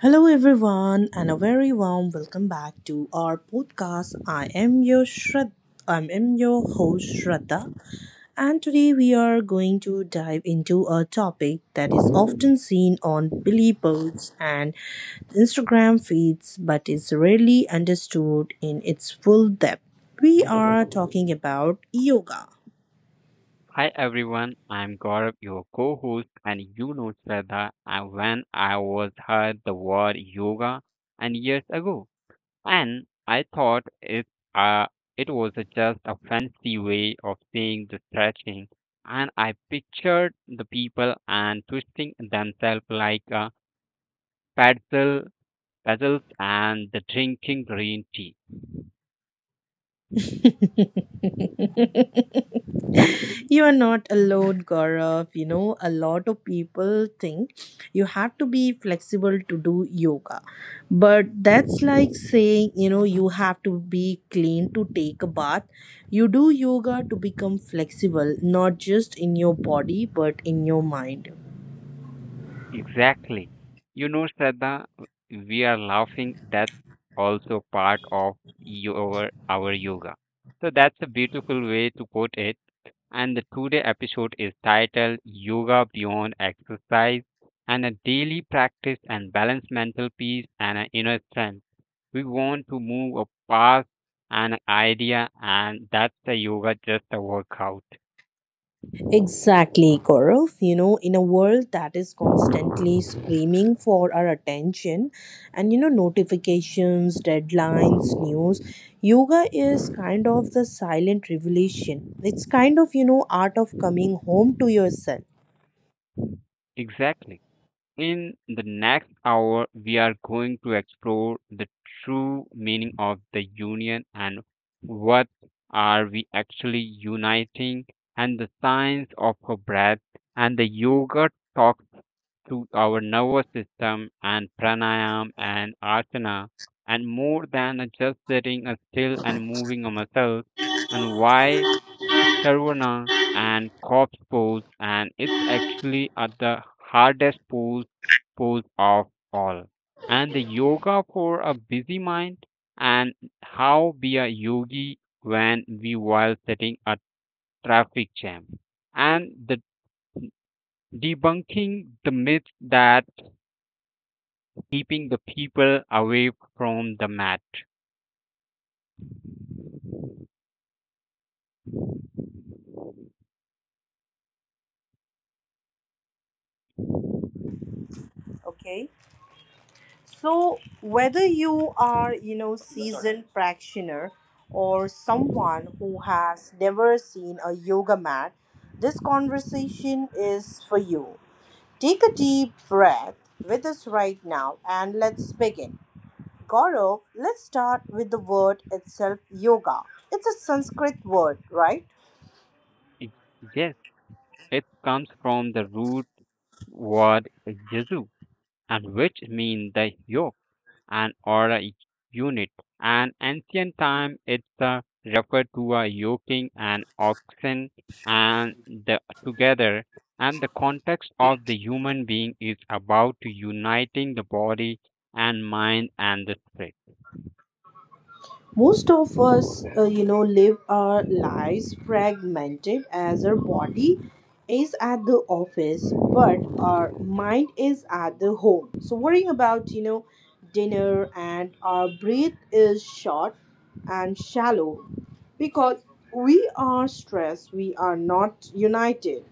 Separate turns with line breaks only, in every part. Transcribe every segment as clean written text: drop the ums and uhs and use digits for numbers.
Hello, everyone, and a very warm welcome back to our podcast. I am your host Shraddha, and today we are going to dive into a topic that is often seen on Billy posts and Instagram feeds, but is rarely understood in its full depth. We are talking about yoga.
Hi everyone, I'm Gaurav, your co-host, and you know Shraddha. And when I was heard the word yoga and years ago, and I thought uh, it was just a fancy way of saying the stretching, and I pictured the people and twisting themselves like a pretzel, puzzles and the drinking green tea.
You are not alone, Gaurav. A lot of people think you have to be flexible to do yoga. But that's like saying, you have to be clean to take a bath. You do yoga to become flexible, not just in your body, but in your mind.
Exactly. You know, Shraddha, we are laughing. That's also part of your our yoga. So that's a beautiful way to put it. And the today episode is titled Yoga Beyond Exercise and a daily practice and balance mental peace and an inner strength. We want to move a past an idea and that's the yoga just a workout.
Exactly, Gaurav. In a world that is constantly screaming for our attention and, notifications, deadlines, news, yoga is kind of the silent revelation. It's kind of, art of coming home to yourself.
Exactly. In the next hour, we are going to explore the true meaning of the union and what are we actually uniting and the science of her breath and the yoga talks to our nervous system and pranayam and asana and more than just sitting still and moving a muscle and why Carvana and corpse pose, and it's actually at the hardest pose of all. And the yoga for a busy mind, and how be a yogi when we while setting a traffic jam, and the debunking the myth that keeping the people away from the mat.
Okay. So, whether you are, seasoned practitioner or someone who has never seen a yoga mat, this conversation is for you. Take a deep breath with us right now and let's begin. Gaurav, let's start with the word itself, yoga. It's a Sanskrit word, right?
Ex- Yes, it comes from the root word "yesu," and which means the yoke an or a unit. An ancient time it's referred to a yoking and oxen and the together and the context of the human being is about to uniting the body and mind and the spirit.
Most of us, live our lives fragmented as our body is at the office, but our mind is at the home. So, worrying about, dinner, and our breath is short and shallow because we are stressed, we are not united.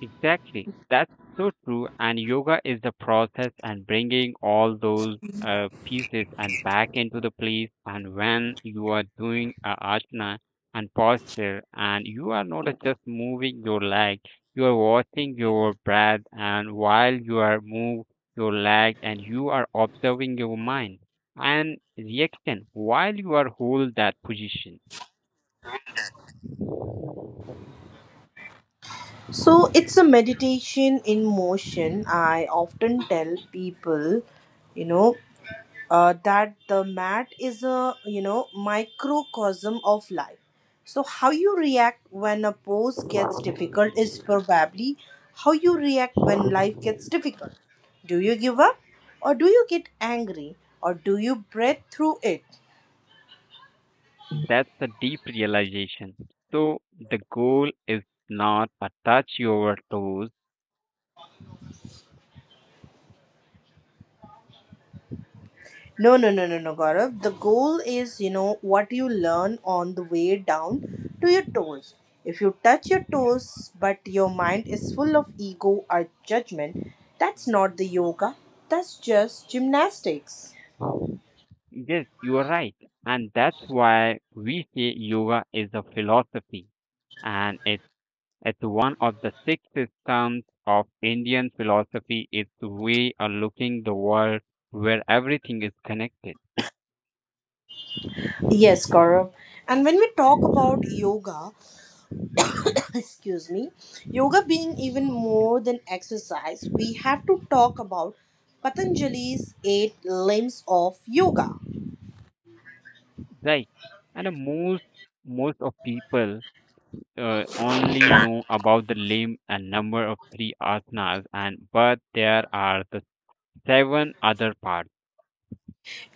Exactly. That's so true. And yoga is the process and bringing all those pieces and back into the place. And when you are doing a asana and posture, and you are not just moving your leg, you are watching your breath. And while you are move your leg, and you are observing your mind and reaction while you are hold that position.
So, it's a meditation in motion. I often tell people, you know, that the mat is a microcosm of life. So how you react when a pose gets difficult is probably how you react when life gets difficult. Do you give up, or do you get angry, or do you breathe through it?
That's a deep realization. So the goal is not a touch your toes.
No, no, no, no, no, Gaurav. The goal is, what you learn on the way down to your toes. If you touch your toes, but your mind is full of ego or judgment, that's not the yoga. That's just gymnastics.
Yes, you are right. And that's why we say yoga is a philosophy and it's one of the six systems of Indian philosophy. It's a way of looking the world where everything is connected.
Yes, Gaurav. And when we talk about yoga, excuse me, yoga being even
Yeah.
more than exercise, we have to talk about Patanjali's eight limbs of yoga.
Right. And the most of people only know about the limb and number of three asanas, and but there are the seven other parts.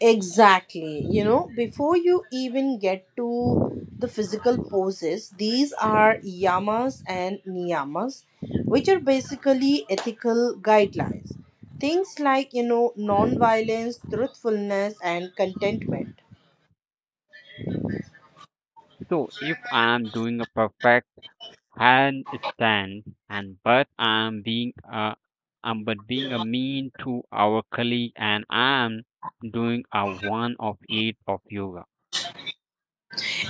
Exactly. Before you even get to the physical poses, these are yamas and niyamas, which are basically ethical guidelines. Things like, non violence, truthfulness, and contentment.
So if I am doing a perfect handstand, and but I am being a but being a mean to our colleague, and I am doing a one of eight of yoga.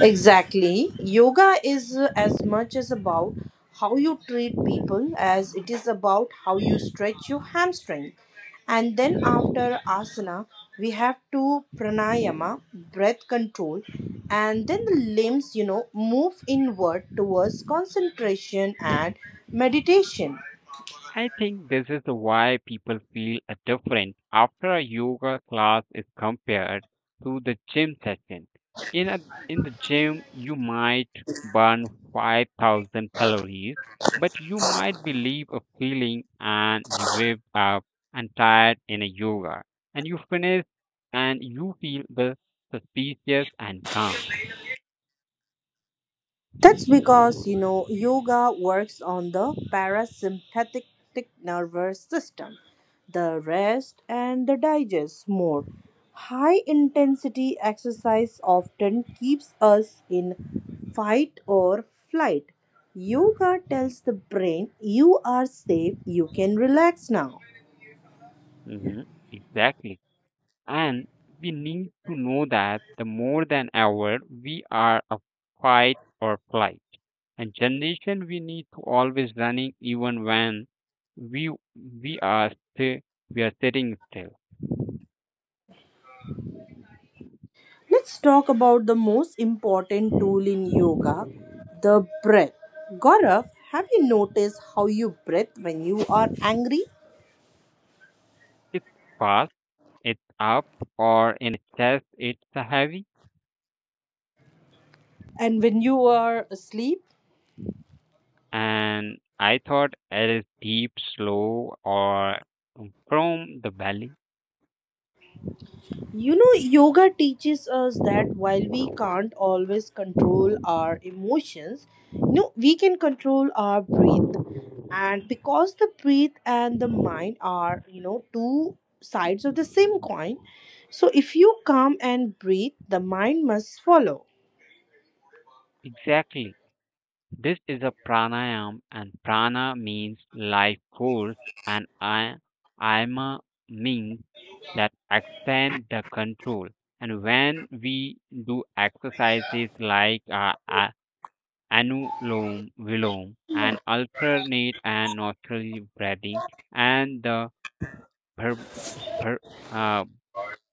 Exactly. Yoga is as much as about how you treat people as it is about how you stretch your hamstring. And then after asana, we have to pranayama, breath control, and then the limbs, move inward towards concentration and meditation.
I think this is why people feel a different after a yoga class is compared to the gym session. In a, in the gym, you might burn 5,000 calories, but you might be leave a feeling and you wake up and tired in a yoga, and you finish and you feel the suspicious and calm.
That's because, yoga works on the parasympathetic nervous system, the rest and the digest mode. High intensity exercise often keeps us in fight or flight. Yoga tells the brain you are safe, you can relax now.
Hmm. Exactly. And we need to know that the more than ever we are a fight or flight. And generation we need to always running even when we we are still we are sitting still.
Let's talk about the most important tool in yoga, the breath. Gaurav, have you noticed how you breathe when you are angry
It's fast, it's up or in a chest it's a heavy
and when you are asleep?
and I thought it is deep, slow or from the belly.
Yoga teaches us that while we can't always control our emotions, we can control our breath. And because the breath and the mind are, two sides of the same coin, so if you calm and breathe, the mind must follow.
Exactly. This is a pranayam, and prana means life force, and I, ama means that extend the control. And when we do exercises like anulom vilom and alternate and nostril breathing and the bhr- bhr- uh,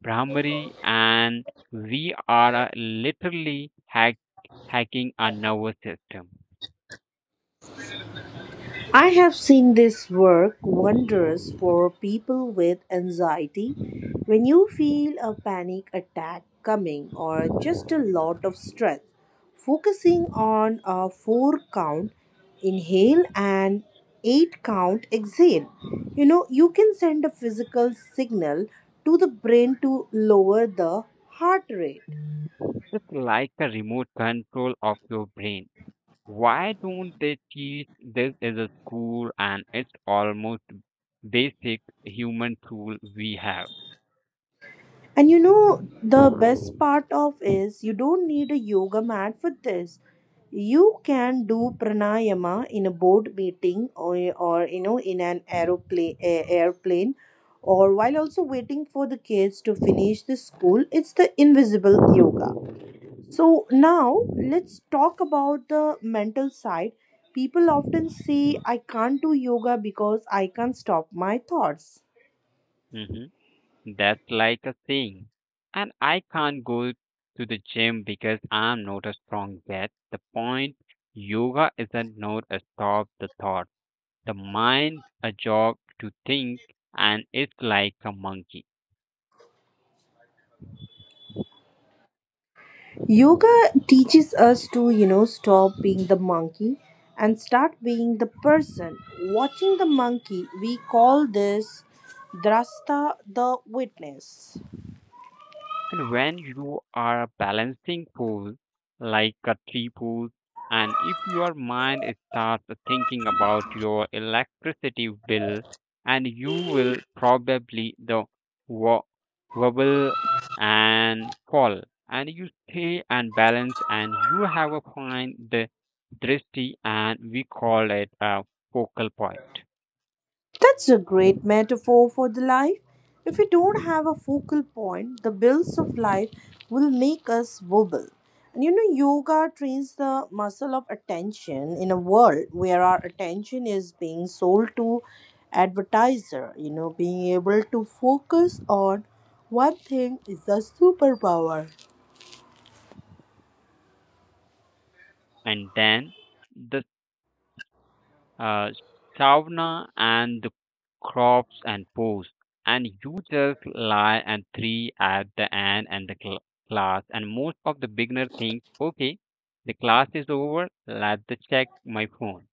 brahmari, and we are literally hacking our nervous system.
I have seen this work wonders for people with anxiety. When you feel a panic attack coming or just a lot of stress, focusing on a four count inhale and eight count exhale. You can send a physical signal to the brain to lower the heart rate.
It's like a remote control of your brain. Why don't they teach this as a school and it's almost basic human tool we have?
And the best part of is you don't need a yoga mat for this. You can do pranayama in a board meeting, or, in an aeroplane airplane, or while also waiting for the kids to finish the school. It's the invisible yoga. So now let's talk about the mental side. People often say I can't do yoga because I can't stop my thoughts.
Hmm. That's like a saying. And I can't go to the gym because I'm not a strong yet. The point yoga isn't not a stop the thought. The mind a job to think and it's like a monkey.
Yoga teaches us to, stop being the monkey and start being the person. Watching the monkey, we call this drasta, the witness.
And when you are balancing pools like a tree pool, and if your mind starts thinking about your electricity bill, and you will probably the wo- wobble and fall, and you stay and balance, and you have a fine the drishti, and we call it a focal point.
That's a great metaphor for the life. If we don't have a focal point, the bills of life will make us wobble. And yoga trains the muscle of attention in a world where our attention is being sold to advertiser. Being able to focus on one thing is a superpower.
And then the uh, sauna and the crops and pose. And you just lie and three at the end and the class. And most of the beginner think, okay, the class is over. Let the check my phone.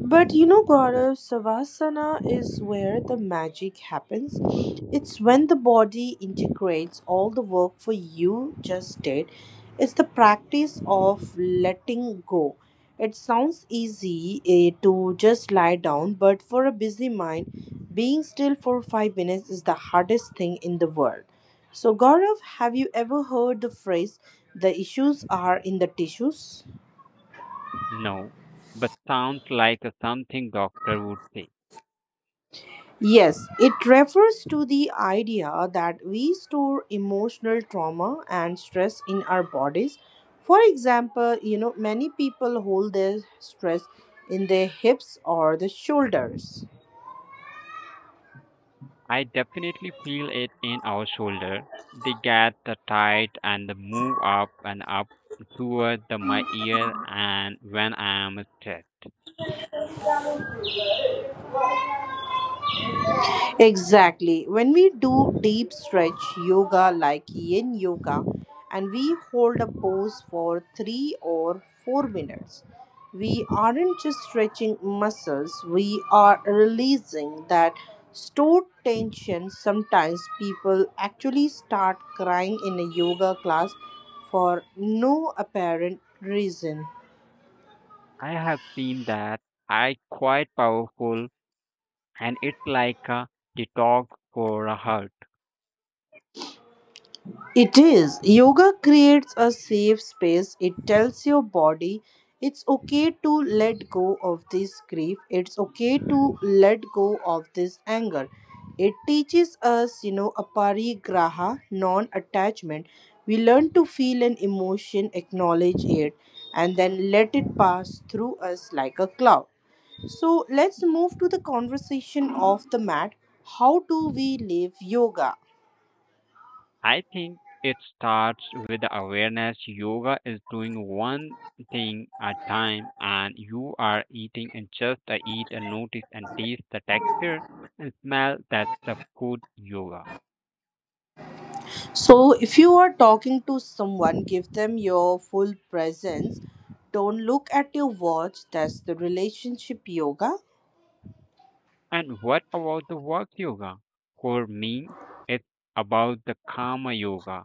But Gaurav, Savasana is where the magic happens. It's when the body integrates all the work for you just did. It's the practice of letting go. It sounds easy to just lie down, but for a busy mind, being still for 5 minutes is the hardest thing in the world. So, Gaurav, have you ever heard the phrase, the issues are in the tissues?
No, but sounds like a something doctor would say.
Yes, it refers to the idea that we store emotional trauma and stress in our bodies. For example, many people hold their stress in their hips or the shoulders.
I definitely feel it in our shoulder. They get the tight and the move up and up toward the, my ear and when I am stressed.
Exactly. When we do deep stretch yoga like yin yoga and we hold a pose for 3 or 4 minutes, we aren't just stretching muscles, we are releasing that stored tension. Sometimes people actually start crying in a yoga class for no apparent reason.
I have seen that. I quite powerful and it's like a detox for a heart.
It is. Yoga creates a safe space. It tells your body it's okay to let go of this grief. It's okay to let go of this anger. It teaches us, aparigraha, non attachment. We learn to feel an emotion, acknowledge it, and then let it pass through us like a cloud. So let's move to the conversation of the mat. How do we live yoga?
I think it starts with the awareness yoga is doing one thing at time and you are eating and just eat and notice and taste the texture and smell that's the food yoga.
So, if you are talking to someone, give them your full presence. Don't look at your watch. That's the relationship yoga.
And what about the work yoga? For me, it's about the karma yoga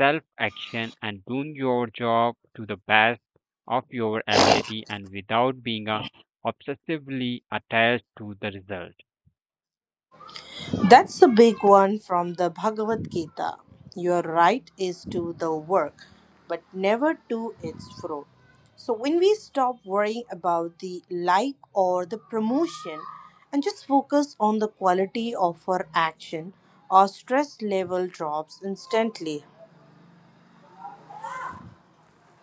self action and doing your job to the best of your ability and without being obsessively attached to the result.
That's the big one from the Bhagavad Gita. Your right is to the work, but never to its fruit. So, when we stop worrying about the like or the promotion and just focus on the quality of our action, our stress level drops instantly.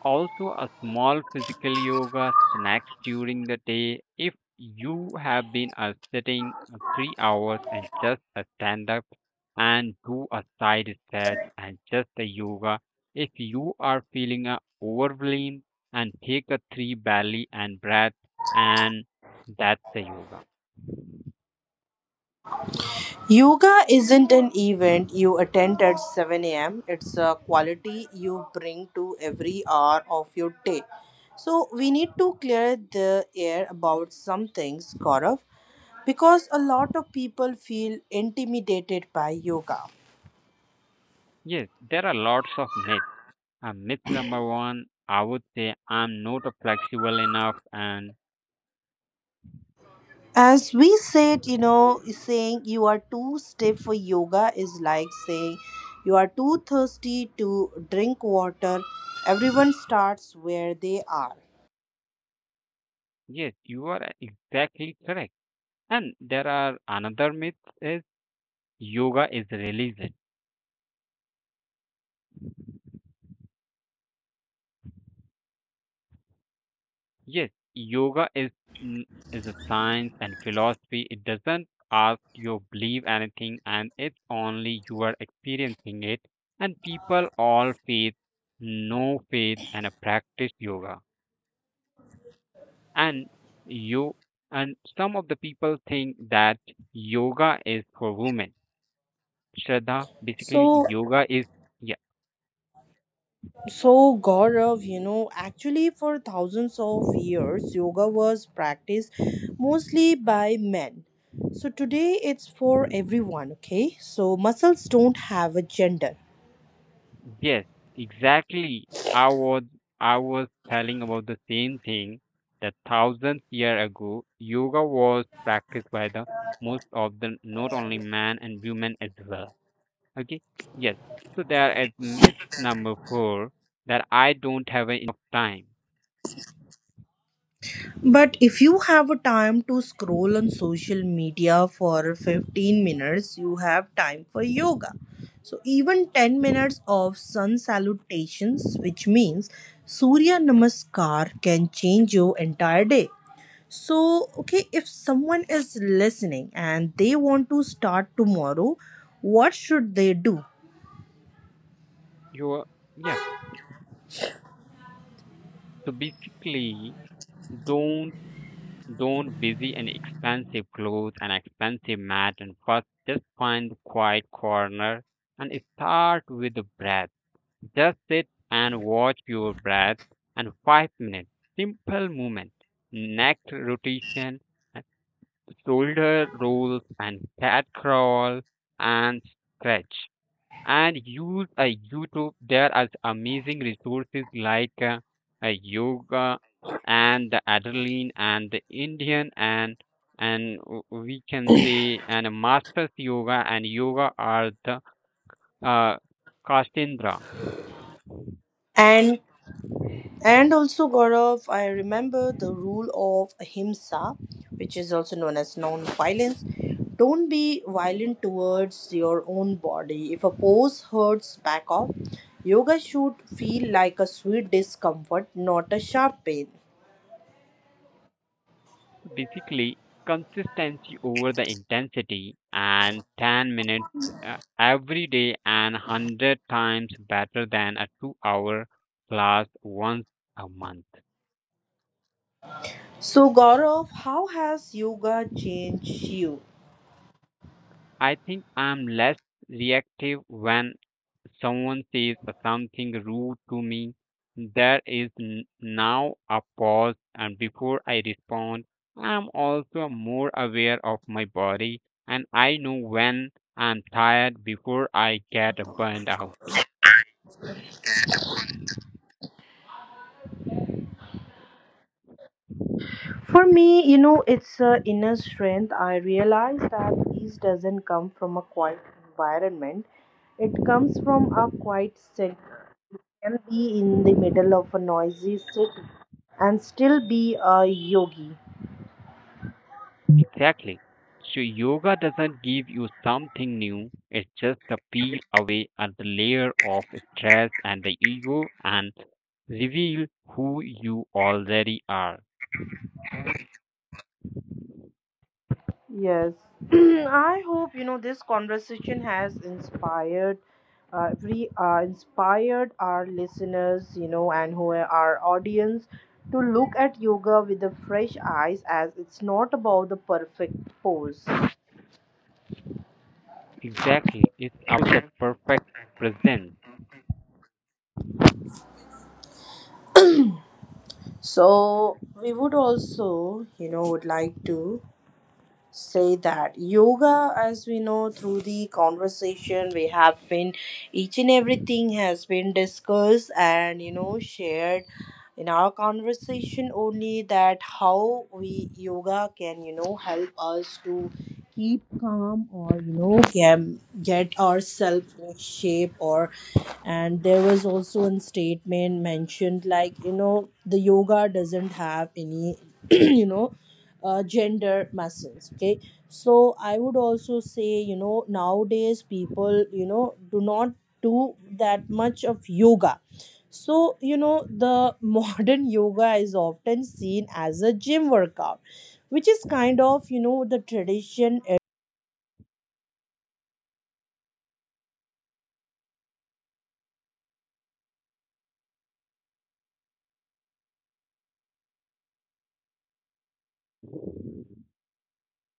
Also, a small physical yoga snacks during the day. If you have been sitting 3 hours and just a stand up and do a side stretch and just a yoga. If you are feeling overwhelmed and take a three belly and breath and that's the yoga.
Yoga isn't an event you attend at 7 a.m., it's a quality you bring to every hour of your day. So, we need to clear the air about some things, Gaurav, because a lot of people feel intimidated by yoga.
Yes, there are lots of myths. Myth number one, I would say I'm not a flexible enough. And
As we said, saying you are too stiff for yoga is like saying you are too thirsty to drink water. Everyone starts where they are.
yes, you are exactly correct. And there are another myth is yoga is religion. Yes, yoga is, mm, is a science and philosophy. It doesn't ask you believe anything, and it's only you are experiencing it. And people all faith, no faith, and practice yoga. And you and some of the people think that yoga is for women. Shraddha, basically
So,
yoga is, yeah,
So, Gaurav, actually for thousands of years, yoga was practiced mostly by men. So, today it's for everyone, okay? So, muscles don't have a gender.
yes exactly. I was i was telling about the same thing that thousands year ago yoga was practiced by the most of the not only man and women as well. Okay, yes, so there is myth number four that I don't have enough time,
But if you have a time to scroll on social media for 15 minutes, you have time for yoga. So, even 10 minutes of sun salutations, which means Surya Namaskar, can change your entire day. So, okay, if someone is listening and they want to start tomorrow, what should they do?
you are, yeah, so basically Don't don't busy and expensive clothes and expensive mat and first just find the quiet corner and start with the breath. Just sit and watch your breath and 5 minutes. Simple movement. Neck rotation, and shoulder rolls and cat crawl and stretch and use a YouTube. There are amazing resources like yoga and the adrenaline and the Indian and we can say and masters yoga and yoga are the uh, kastendra.
And and also Gaurav, I remember the rule of ahimsa, which is also known as non-violence. Don't be violent towards your own body. If a pose hurts, back off. Yoga should feel like a sweet discomfort, not a sharp pain.
Basically, consistency over the intensity and 10 minutes every day and 100 times better than a 2-hour class once a month.
So Gaurav, how has yoga changed you?
I think I'm less reactive when someone says something rude to me. There is now a pause, and before I respond, I'm also more aware of my body and I know when I'm tired before I get burned out.
For me, it's a inner strength. I realize that peace doesn't come from a quiet environment. It comes from a quiet center. You can be in the middle of a noisy city and still be a yogi.
Exactly. So yoga doesn't give you something new. It's just the peel away at the layer of stress and the ego and reveal who you already are.
Yes. I hope this conversation has inspired inspired our listeners, and who are our audience to look at yoga with the fresh eyes, as it's not about the perfect pose.
Exactly. It's about the perfect present.
So we would also, would like to say that yoga, as we know through the conversation we have been, each and everything has been discussed, and shared in our conversation only, that how we yoga can help us to keep calm or get, ourselves in shape or, and there was also a statement mentioned, like the yoga doesn't have any you know gender muscles, okay? So I would also say, nowadays people do not do that much of yoga, so the modern yoga is often seen as a gym workout, which is kind of the tradition.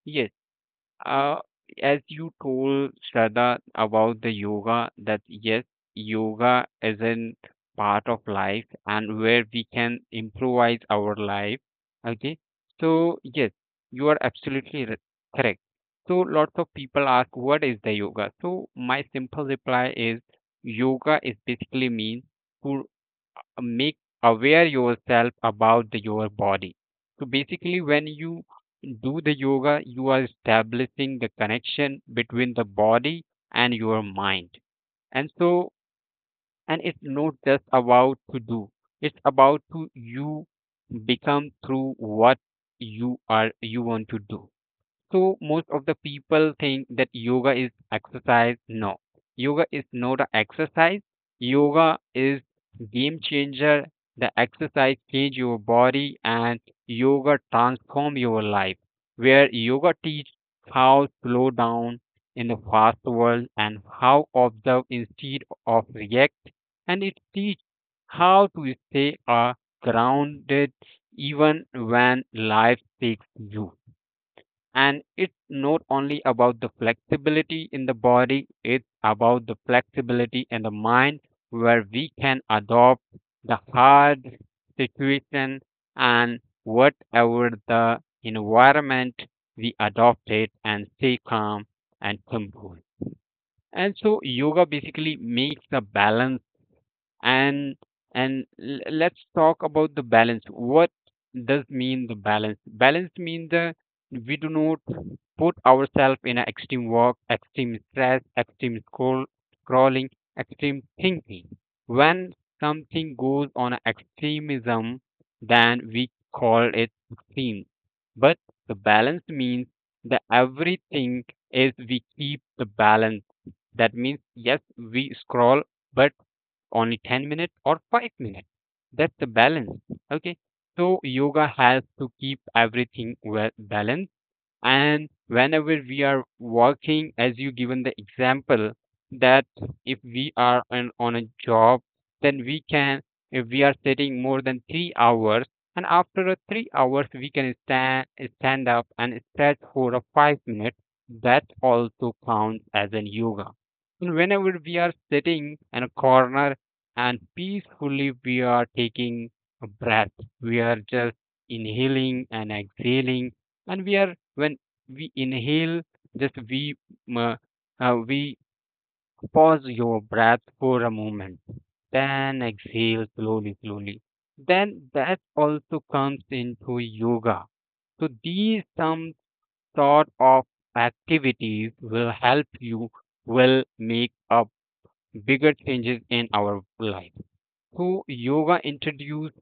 Yes. Uh, as you told Shraddha about the yoga, that yes, yoga is an part of life and where we can improvise our life. Okay, so yes, you are absolutely correct. So lots of people ask, what is the yoga? So my simple reply is, yoga is basically means to make aware yourself about the, your body. So basically, when you do the yoga, you are establishing the connection between the body and your mind. And so, and it's not just about to do, it's about to you become through what you want to do. So most of the people think that yoga is exercise. No, yoga is not a exercise. Yoga is game changer. The exercise change your body and yoga transform your life. Where yoga teach how slow down in the fast world and how observe instead of react, and it teach how to stay grounded even when life takes you and it's not only about the flexibility in the body, it's about the flexibility in the mind where we can adopt the hard situation and whatever the environment we adopt it and stay calm and composed. And so yoga basically makes a balance. And and l- let's talk about the balance. What does mean the balance? Balance means the we do not put ourselves in an extreme work, extreme stress, extreme scroll crawling, extreme thinking. When something goes on a extremism then we call it extreme, but the balance means that everything is we keep the balance. That means yes we scroll but only 10 minutes or 5 minutes. That's the balance. Okay. So yoga has to keep everything well balanced and whenever we are working, as you given the example that if we are on a job then we can, if we are sitting more than 3 hours and after a 3 hours we can stand up and stretch for a 5 minutes that also counts as an yoga. And whenever we are sitting in a corner and peacefully we are taking a breath, we are just inhaling and exhaling and we are when we inhale just uh, we pause your breath for a moment, then exhale slowly slowly, then that also comes into yoga. So these some sort of activities will help you, will make a bigger changes in our life. So yoga introduced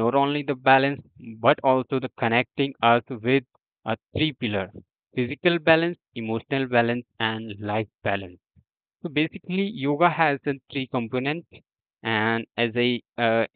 not only the balance but also the connecting us with a three pillar: physical balance, emotional balance, and life balance. So basically, yoga has the three components, and as I uh,